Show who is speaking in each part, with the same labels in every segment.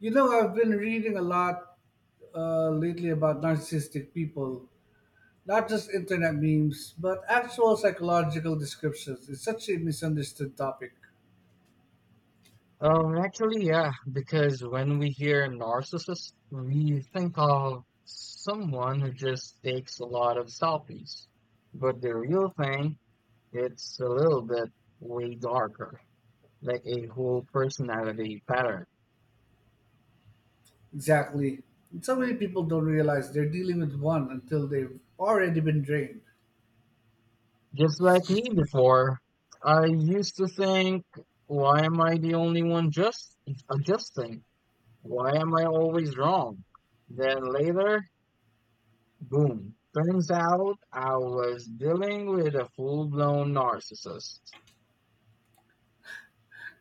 Speaker 1: You know, I've been reading a lot lately about narcissistic people, not just internet memes, but actual psychological descriptions. It's such a misunderstood topic.
Speaker 2: Yeah, because when we hear narcissist, we think of someone who just takes a lot of selfies. But the real thing, it's a little bit way darker, like a whole personality pattern.
Speaker 1: Exactly. And so many people don't realize they're dealing with one until they've already been drained.
Speaker 2: Just like me before, I used to think, why am I the only one just adjusting? Why am I always wrong? Then later, boom. Turns out I was dealing with a full blown narcissist.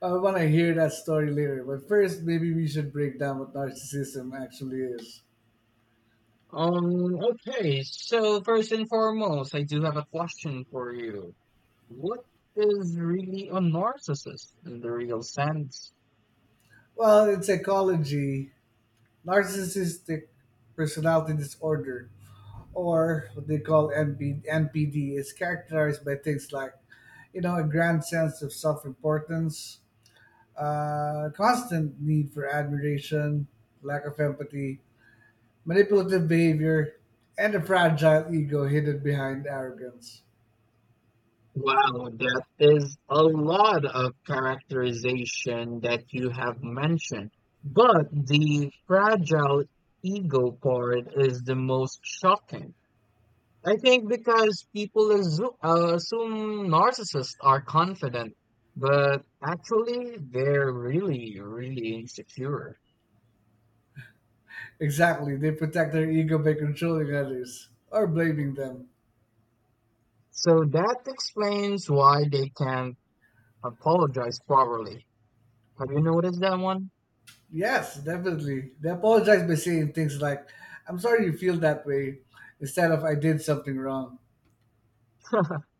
Speaker 1: I want to hear that story later, but first, maybe we should break down what narcissism actually is.
Speaker 2: Okay, so first and foremost, I do have a question for you. What is really a narcissist in the real sense?
Speaker 1: Well, in psychology, narcissistic personality disorder, or what they call MP, NPD, is characterized by things like, you know, a grand sense of self importance, constant need for admiration, lack of empathy, manipulative behavior, and a fragile ego hidden behind arrogance.
Speaker 2: Wow, that is a lot of characterization that you have mentioned. But the fragile ego part is the most shocking. I think because people assume narcissists are confident, but actually they're really, really insecure.
Speaker 1: Exactly, they protect their ego by controlling others or blaming them.
Speaker 2: So that explains why they can't apologize properly. Have you noticed that one?
Speaker 1: Yes, definitely. They apologize by saying things like, "I'm sorry you feel that way," instead of "I did something wrong."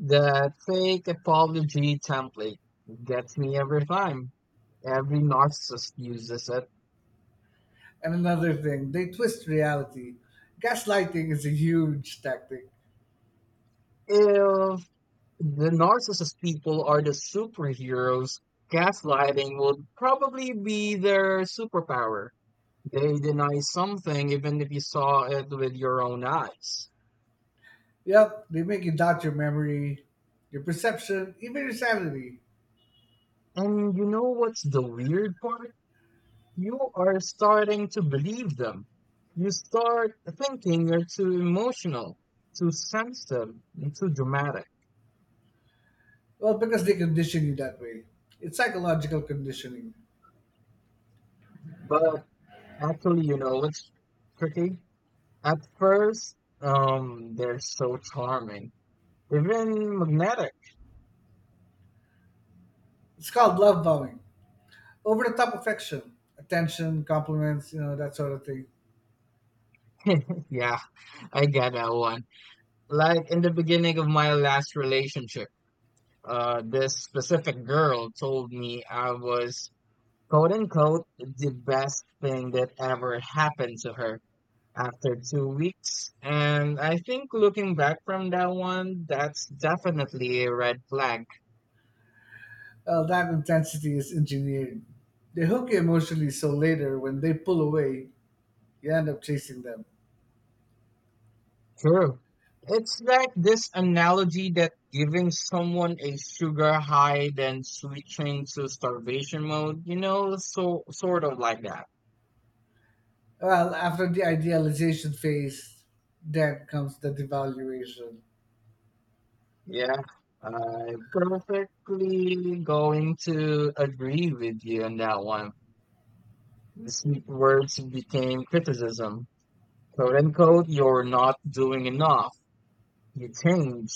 Speaker 2: The fake apology template gets me every time. Every narcissist uses it.
Speaker 1: And another thing, they twist reality. Gaslighting is a huge tactic.
Speaker 2: If the narcissist people are the superheroes. Gaslighting would probably be their superpower. They deny something even if you saw it with your own eyes.
Speaker 1: Yep, they make you doubt your memory, your perception, even your sanity.
Speaker 2: And you know what's the weird part? You are starting to believe them. You start thinking you're too emotional, too sensitive, and too dramatic.
Speaker 1: Well, because they condition you that way. It's psychological conditioning.
Speaker 2: But actually, you know, it's tricky. At first, they're so charming, even magnetic.
Speaker 1: It's called love bombing. Over the top affection, attention, compliments, you know, that sort of thing.
Speaker 2: Yeah, I get that one. Like in the beginning of my last relationship, this specific girl told me I was, quote unquote, the best thing that ever happened to her after 2 weeks. And I think looking back from that one, that's definitely a red flag.
Speaker 1: Well, that intensity is engineered. They hook you emotionally so later when they pull away, you end up chasing them.
Speaker 2: True. It's like this analogy that giving someone a sugar high then switching to starvation mode, you know, so sort of like that.
Speaker 1: Well, after the idealization phase, then comes the devaluation.
Speaker 2: Yeah. I perfectly going to agree with you on that one. The sweet words became criticism. Quote unquote, you're not doing enough. You change.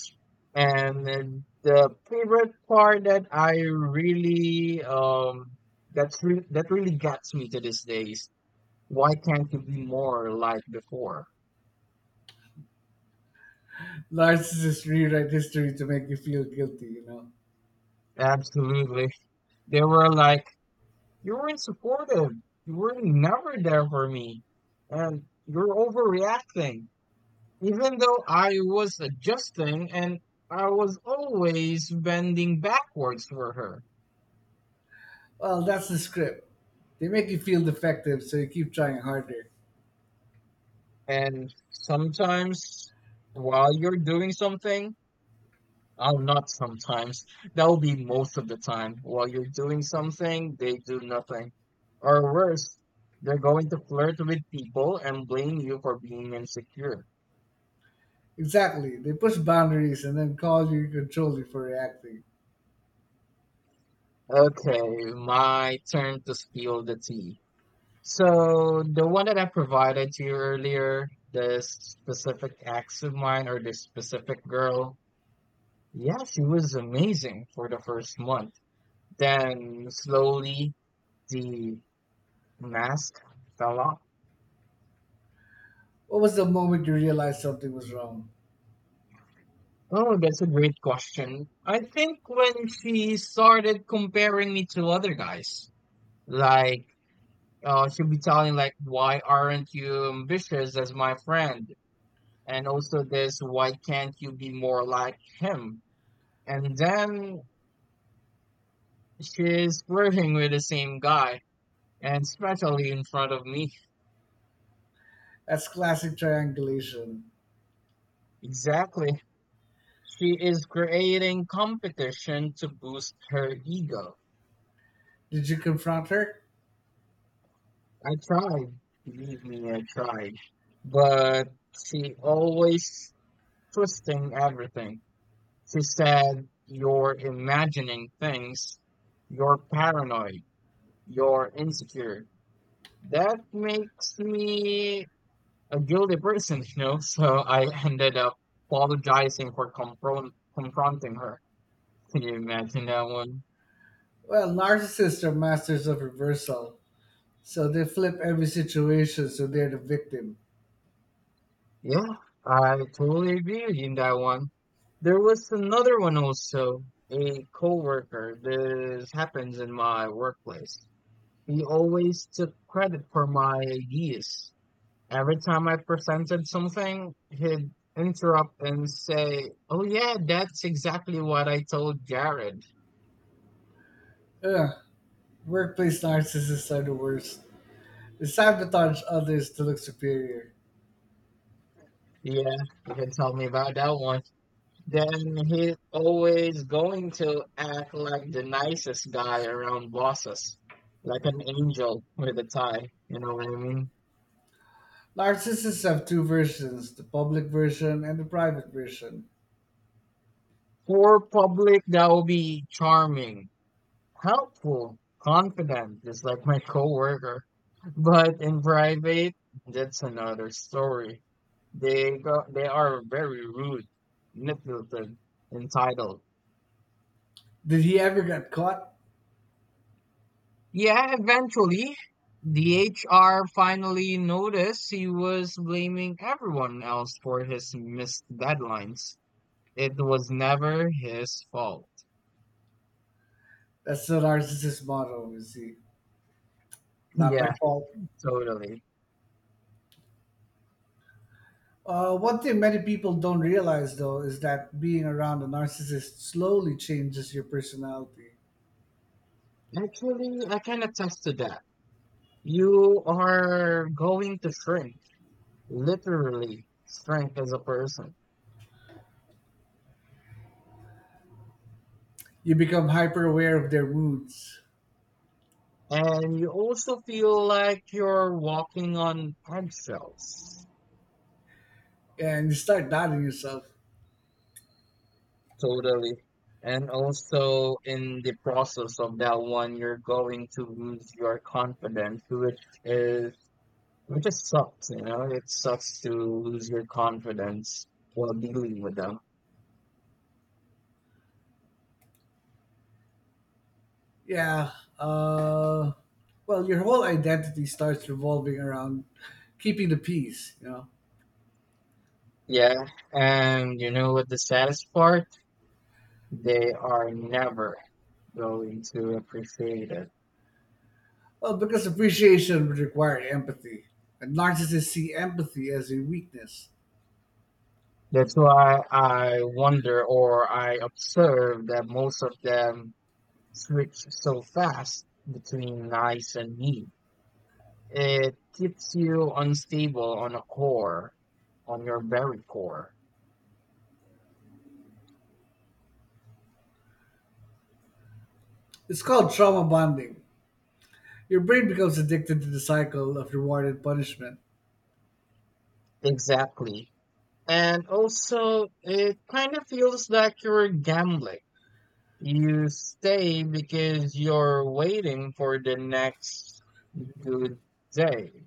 Speaker 2: And then the favorite part that I really that really gets me to this day—is why can't you be more like before?
Speaker 1: Narcissists rewrite history to make you feel guilty, you know?
Speaker 2: Absolutely. They were like, you weren't supportive. You were never there for me. And you're overreacting. Even though I was adjusting and I was always bending backwards for her.
Speaker 1: Well, that's the script. They make you feel defective, so you keep trying harder.
Speaker 2: And sometimes while you're doing something, oh, not sometimes, that will be most of the time. While you're doing something, they do nothing. Or worse, they're going to flirt with people and blame you for being insecure.
Speaker 1: Exactly. They push boundaries and then call you control you for reacting.
Speaker 2: Okay, my turn to steal the tea. So the one that I provided to you earlier, this specific ex of mine or this specific girl, yeah, she was amazing for the first month. Then slowly the mask fell off.
Speaker 1: What was the moment you realized something was wrong?
Speaker 2: Oh, that's a great question. I think when she started comparing me to other guys, like she'll be telling like, "Why aren't you ambitious as my friend?" And also this, "Why can't you be more like him?" And then she's flirting with the same guy, and especially in front of me.
Speaker 1: That's classic triangulation.
Speaker 2: Exactly. She is creating competition to boost her ego.
Speaker 1: Did you confront her?
Speaker 2: I tried, believe me, I tried. But she always twisting everything. She said, you're imagining things, you're paranoid, you're insecure. That makes me a guilty person, you know? So I ended up apologizing for confronting her. Can you imagine that one?
Speaker 1: Well, narcissists are masters of reversal, so they flip every situation so they're the victim.
Speaker 2: Yeah, I totally agree with you in that one. There was another one also, a coworker. This happens in my workplace. He always took credit for my ideas. Every time I presented something, he'd interrupt and say, "Oh yeah, that's exactly what I told Jared."
Speaker 1: Ugh, workplace narcissists are the worst. They sabotage others to look superior.
Speaker 2: Yeah, you can tell me about that one. Then he's always going to act like the nicest guy around bosses, like an angel with a tie. You know what I mean?
Speaker 1: Narcissists have two versions, the public version and the private version.
Speaker 2: For public, that will be charming, helpful, confident, just like my coworker. But in private, that's another story. They go, they are very rude, manipulative, entitled.
Speaker 1: Did he ever get caught?
Speaker 2: Yeah, eventually, the HR finally noticed he was blaming everyone else for his missed deadlines. It was never his fault.
Speaker 1: That's the narcissist motto, you see. Not my
Speaker 2: Yeah,
Speaker 1: fault.
Speaker 2: totally.
Speaker 1: One thing many people don't realize, though, is that being around a narcissist slowly changes your personality.
Speaker 2: Actually, I can attest to that. You are going to shrink, literally shrink as a person.
Speaker 1: You become hyper aware of their moods,
Speaker 2: And you also feel like you're walking on eggshells.
Speaker 1: and you start doubting yourself.
Speaker 2: Totally. And also in the process of that one, you're going to lose your confidence, which is which just sucks, you know? It sucks to lose your confidence while dealing with them.
Speaker 1: Yeah. Uh, well, your whole identity starts revolving around keeping the peace, you know?
Speaker 2: Yeah. And you know what the saddest part? They are never going to appreciate it.
Speaker 1: Well, because appreciation would require empathy, and narcissists see empathy as a weakness.
Speaker 2: That's why I wonder or I observe that most of them switch so fast between nice and mean. It keeps you unstable on a core, on your very core.
Speaker 1: It's called trauma bonding. Your brain becomes addicted to the cycle of reward and punishment,
Speaker 2: Exactly. And also, it kind of feels like you're gambling. You stay because you're waiting for the next good day.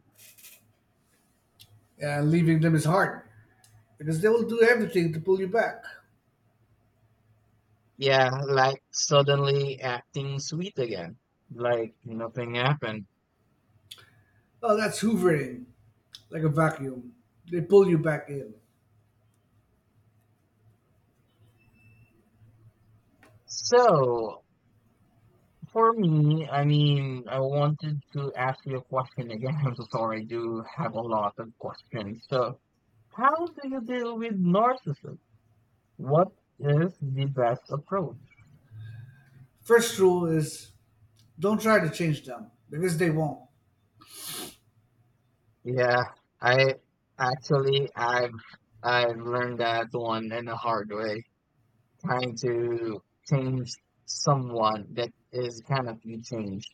Speaker 1: and leaving them is hard because they will do everything to pull you back.
Speaker 2: Yeah, like suddenly acting sweet again, like nothing happened.
Speaker 1: Oh, that's hoovering, like a vacuum. They pull you back in.
Speaker 2: So, for me, I mean, I wanted to ask you a question again. I'm so sorry, I do have a lot of questions. So, how do you deal with narcissism? What is the best approach?
Speaker 1: First rule is don't try to change them because they won't.
Speaker 2: Yeah, I actually I've learned that one in a hard way. Trying to change someone that is cannot be changed.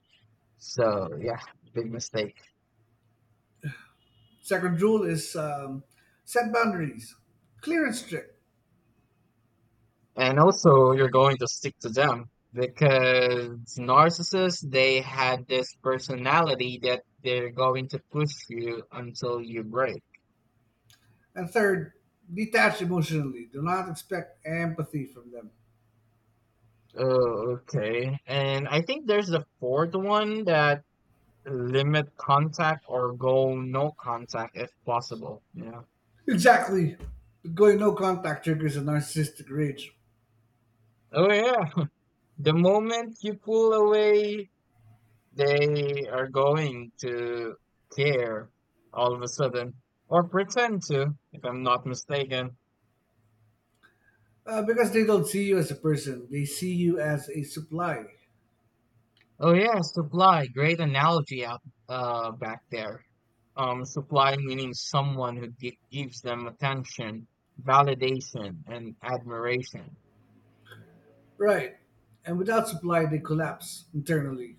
Speaker 2: So yeah, big mistake.
Speaker 1: Second rule is set boundaries, clear and strict.
Speaker 2: And also, you're going to stick to them because narcissists, they had this personality that they're going to push you until you break.
Speaker 1: And third, detach emotionally. Do not expect empathy from them.
Speaker 2: Oh, okay. And I think there's the fourth one that limit contact or go no contact if possible. Yeah.
Speaker 1: Exactly. Going no contact triggers a narcissistic rage,
Speaker 2: Oh, yeah. The moment you pull away, they are going to care all of a sudden or pretend to, if I'm not mistaken.
Speaker 1: because they don't see you as a person, they see you as a supply.
Speaker 2: Oh yeah, supply. Great analogy out back there. Supply meaning someone who gives them attention, validation, and admiration.
Speaker 1: Right. And without supply, they collapse internally.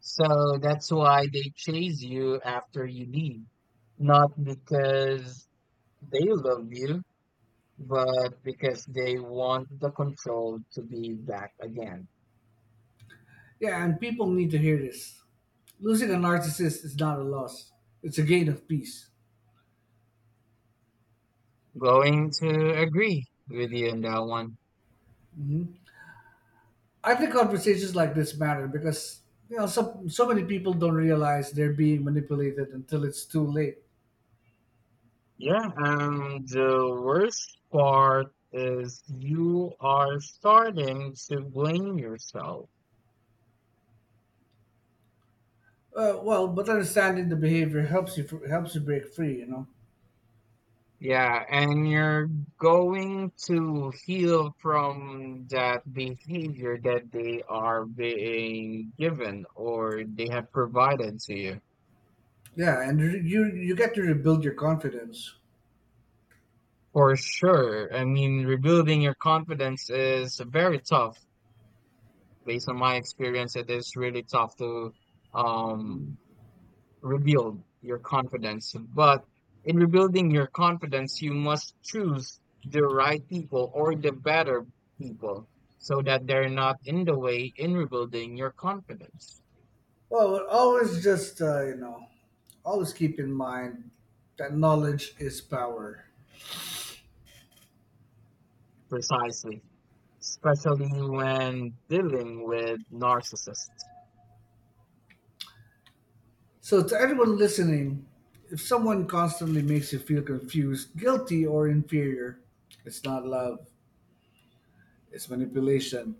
Speaker 2: So that's why they chase you after you leave, not because they love you, but because they want the control to be back again.
Speaker 1: Yeah, and people need to hear this. Losing a narcissist is not a loss, it's a gain of peace.
Speaker 2: Going to agree with you on that one.
Speaker 1: I think conversations like this matter because you know so many people don't realize they're being manipulated until it's too late.
Speaker 2: Yeah, and the worst part is you are starting to blame yourself.
Speaker 1: Well, but understanding the behavior helps you helps you break free. You know.
Speaker 2: Yeah, and you're going to heal from that behavior that they are being given or they have provided to you.
Speaker 1: Yeah, and you get to rebuild your confidence.
Speaker 2: For sure. I mean, rebuilding your confidence is very tough. Based on my experience, it is really tough to um rebuild your confidence. But in rebuilding your confidence, you must choose the right people or the better people so that they're not in the way in rebuilding your confidence.
Speaker 1: Well, always just you know, always keep in mind that knowledge is power.
Speaker 2: Precisely. Especially when dealing with narcissists.
Speaker 1: So, to everyone listening, if someone constantly makes you feel confused, guilty, or inferior, it's not love, it's manipulation.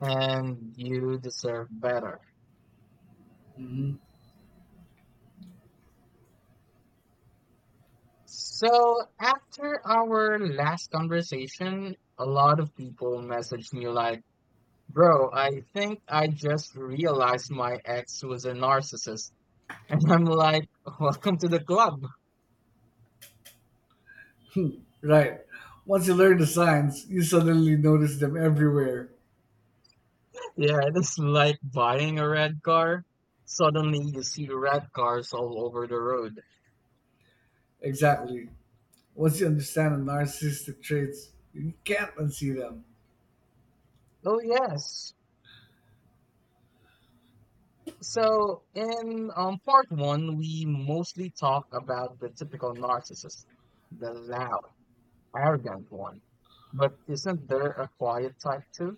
Speaker 2: And you deserve better.
Speaker 1: Mm-hmm.
Speaker 2: So after our last conversation, a lot of people messaged me like, bro, I think I just realized my ex was a narcissist. And I'm like, welcome to the club.
Speaker 1: Right. Once you learn the signs, you suddenly notice them everywhere.
Speaker 2: Yeah, it is like buying a red car. Suddenly you see red cars all over the road.
Speaker 1: Exactly. Once you understand the narcissistic traits, you can't unsee them.
Speaker 2: Oh, yes. So, in part one, we mostly talk about the typical narcissist, the loud, arrogant one. But isn't there a quiet type too?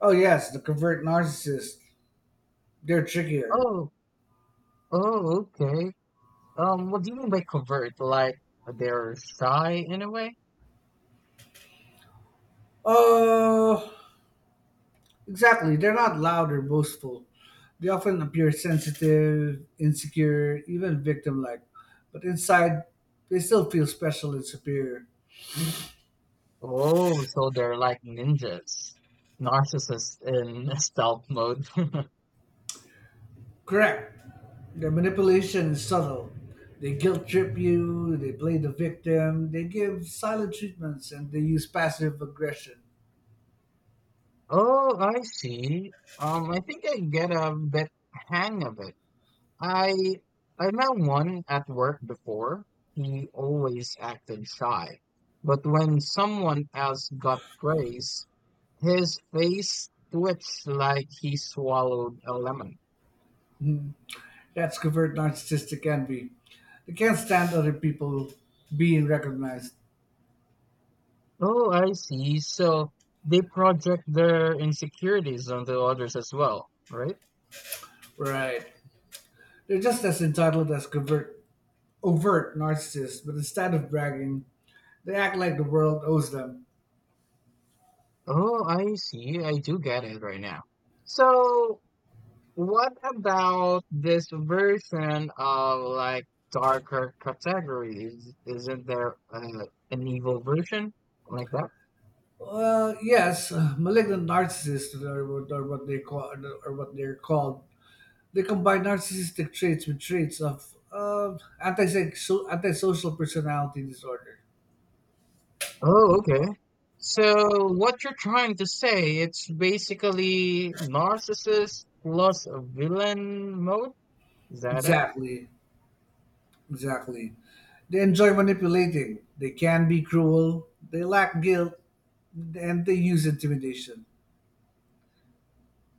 Speaker 1: Oh, yes, the covert narcissist. They're trickier.
Speaker 2: Oh, oh, okay. What do you mean by covert? Like they're shy in a way?
Speaker 1: Oh, exactly. They're not loud or boastful. They often appear sensitive, insecure, even victim like. But inside, they still feel special and superior.
Speaker 2: Oh, so they're like ninjas, narcissists in stealth mode.
Speaker 1: Correct. The manipulation is subtle. They guilt trip you, they play the victim, they give silent treatments, and they use passive aggression.
Speaker 2: Oh, I see. I think I get a bit hang of it. I I met one at work before. He always acted shy, but when someone else got praise, his face twitched like he swallowed a lemon.
Speaker 1: That's covert narcissistic envy. They can't stand other people being recognized.
Speaker 2: Oh, I see. So they project their insecurities onto others as well, right?
Speaker 1: Right. They're just as entitled as covert, overt narcissists, but instead of bragging, they act like the world owes them.
Speaker 2: Oh, I see. I do get it right now. So what about this version of like darker categories? Isn't there an evil version like that?
Speaker 1: Well, yes, malignant narcissists are what they call are what they're called. They combine narcissistic traits with traits of antisocial personality disorder.
Speaker 2: Oh, okay. So what you're trying to say, it's basically narcissist plus a villain mode? Is that it?
Speaker 1: Exactly, exactly. They enjoy manipulating. They can be cruel. They lack guilt, and they use intimidation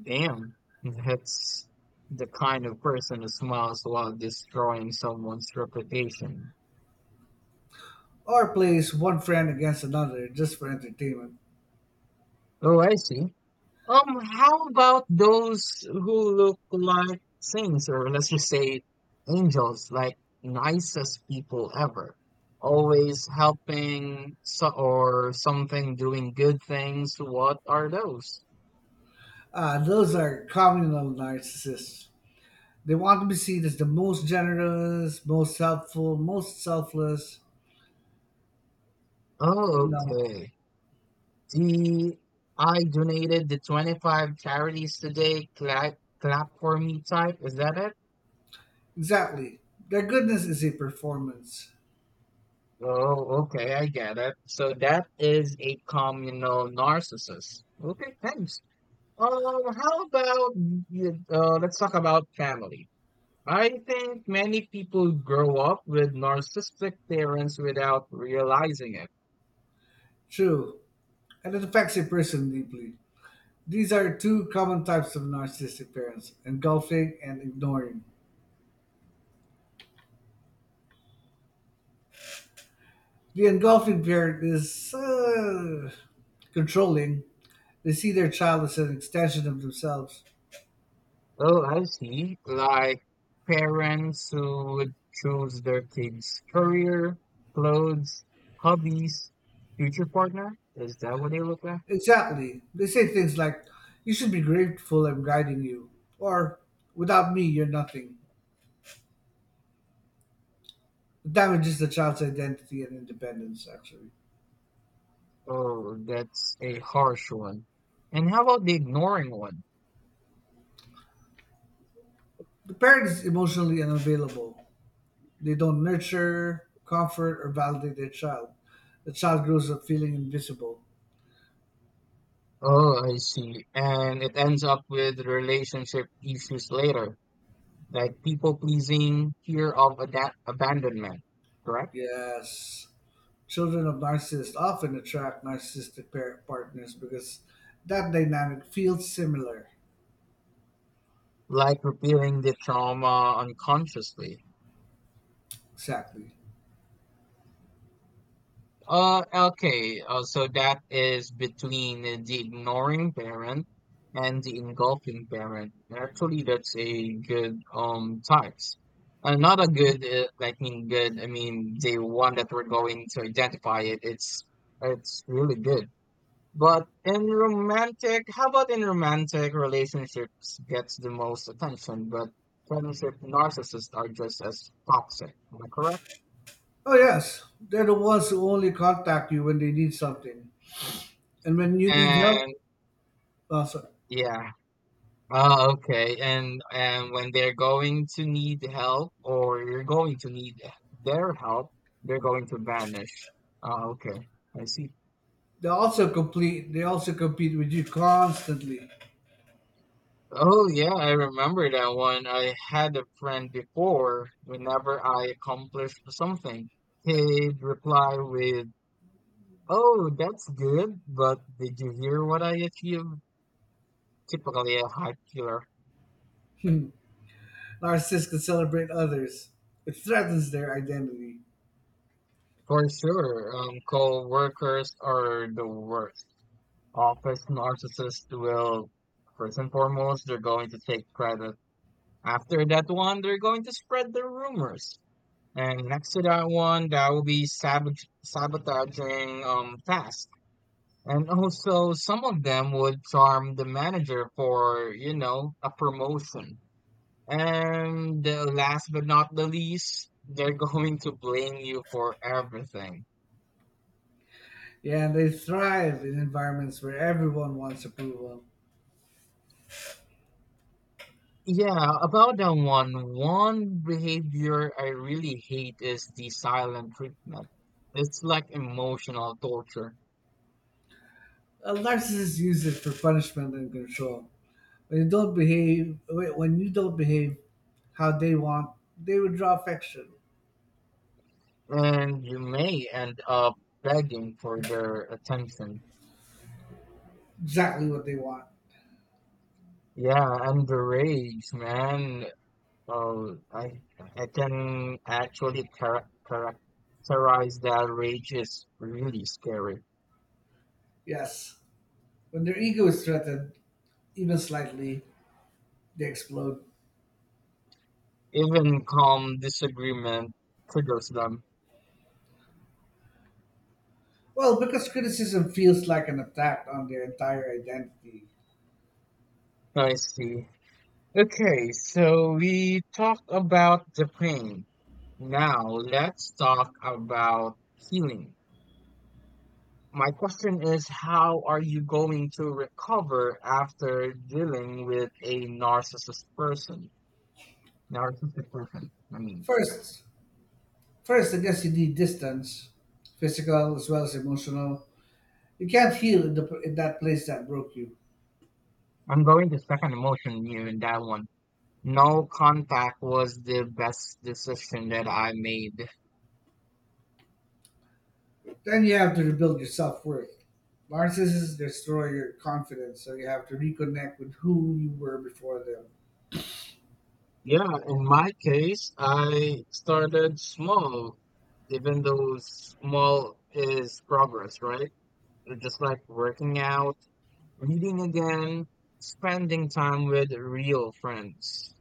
Speaker 2: Damn, that's the kind of person who smiles while destroying someone's reputation.
Speaker 1: or place one friend against another just for entertainment.
Speaker 2: Oh, I see. How about those who look like saints, or let's just say angels, like nicest people ever, always helping so or something, doing good things? What are those?
Speaker 1: Ah, those are communal narcissists. They want to be seen as the most generous, most helpful, most selfless. You
Speaker 2: Oh,
Speaker 1: know,
Speaker 2: okay. The I donated the 25 charities today. Clap, clap for me type. Is that it?
Speaker 1: exactly. Their goodness is a performance.
Speaker 2: Oh, okay, I get it. So that is a communal narcissist. Okay, thanks. Let's talk about family. I think many people grow up with narcissistic parents without realizing it.
Speaker 1: True, and it affects a person deeply. These are two common types of narcissistic parents, engulfing and ignoring. The engulfing parent is controlling, they see their child as an extension of themselves.
Speaker 2: Oh, I see. Like parents who would choose their kids' career, clothes, hobbies, future partner. Is that what they look at?
Speaker 1: Exactly. They say things like, "You should be grateful I'm guiding you," or "Without me, you're nothing." It damages the child's identity and independence, actually.
Speaker 2: Oh, that's a harsh one. And how about the ignoring one?
Speaker 1: The parent is emotionally unavailable. They don't nurture, comfort, or validate their child. The child grows up feeling invisible.
Speaker 2: Oh, I see. And it ends up with relationship issues later, like people pleasing, fear of ada abandonment, correct?
Speaker 1: Yes. Children of narcissists often attract narcissistic parent partners because that dynamic feels similar.
Speaker 2: Like repealing the trauma unconsciously.
Speaker 1: Exactly.
Speaker 2: Okay. So that is between the ignoring parent and the engulfing parent. Actually, that's a good types. Not a good. I mean, good. I mean, the one that we're going to identify it. It's really good. But in romantic, how about in romantic relationships gets the most attention, but friendship narcissists are just as toxic. Am I correct?
Speaker 1: Oh, yes. They're the ones who only contact you when they need something. And when you need help,
Speaker 2: And
Speaker 1: oh, sorry.
Speaker 2: yeah, ah, okay. And when they're going to need help or you're going to need their help, they're going to vanish. Ah, okay. I see.
Speaker 1: They also complete. They also compete with you constantly.
Speaker 2: Oh, yeah, I remember that one. I had a friend before, whenever I accomplished something, he'd reply with, "Oh, that's good, but did you hear what I achieved?" Typically a hype killer.
Speaker 1: Narcissists can celebrate others. It threatens their identity.
Speaker 2: For sure, co-workers are the worst. Office narcissists will, first and foremost, they're going to take credit. After that one, they're going to spread the rumors. And next to that one, that will be sabotaging tasks. And also, some of them would charm the manager for, you know, a promotion. And last but not the least, they're going to blame you for everything.
Speaker 1: Yeah, and they thrive in environments where everyone wants approval.
Speaker 2: Yeah, about that one, one behavior I really hate is the silent treatment. It's like emotional torture,
Speaker 1: A narcissist uses it for punishment and control. When you don't behave how they want, they withdraw affection.
Speaker 2: and you may end up begging for their attention.
Speaker 1: Exactly what they want.
Speaker 2: Yeah, and the rage, man. Oh, I can actually characterize that rage is really scary.
Speaker 1: Yes. When their ego is threatened, even slightly, they explode.
Speaker 2: Even calm disagreement triggers them.
Speaker 1: Well, because criticism feels like an attack on their entire identity.
Speaker 2: I see. Okay, so we talked about the pain. Now let's talk about healing. My question is, how are you going to recover after dealing with a narcissist person? Narcissistic person. I mean,
Speaker 1: First, first, I guess you need distance, physical as well as emotional. You can't heal in, in that place that broke you.
Speaker 2: I'm going to second emotion you in that one. No contact was the best decision that I made.
Speaker 1: Then you have to rebuild your self worth. Narcissists destroy your confidence, so you have to reconnect with who you were before them.
Speaker 2: Yeah, in my case, I started small, even though small is progress, right? Just like working out, reading again, spending time with real friends.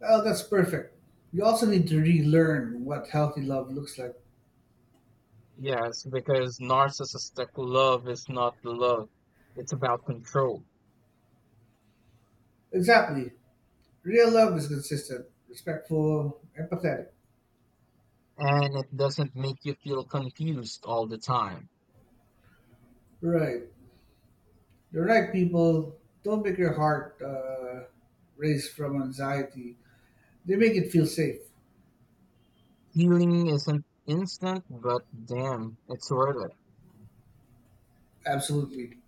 Speaker 1: Well, that's perfect. You also need to relearn what healthy love looks like.
Speaker 2: Yes, because narcissistic love is not love, it's about control.
Speaker 1: Exactly. Real love is consistent, respectful, empathetic.
Speaker 2: And it doesn't make you feel confused all the time.
Speaker 1: Right. The right people don't make your heart race from anxiety, they make it feel safe.
Speaker 2: Healing isn't instant, but damn, it's worth it.
Speaker 1: Absolutely.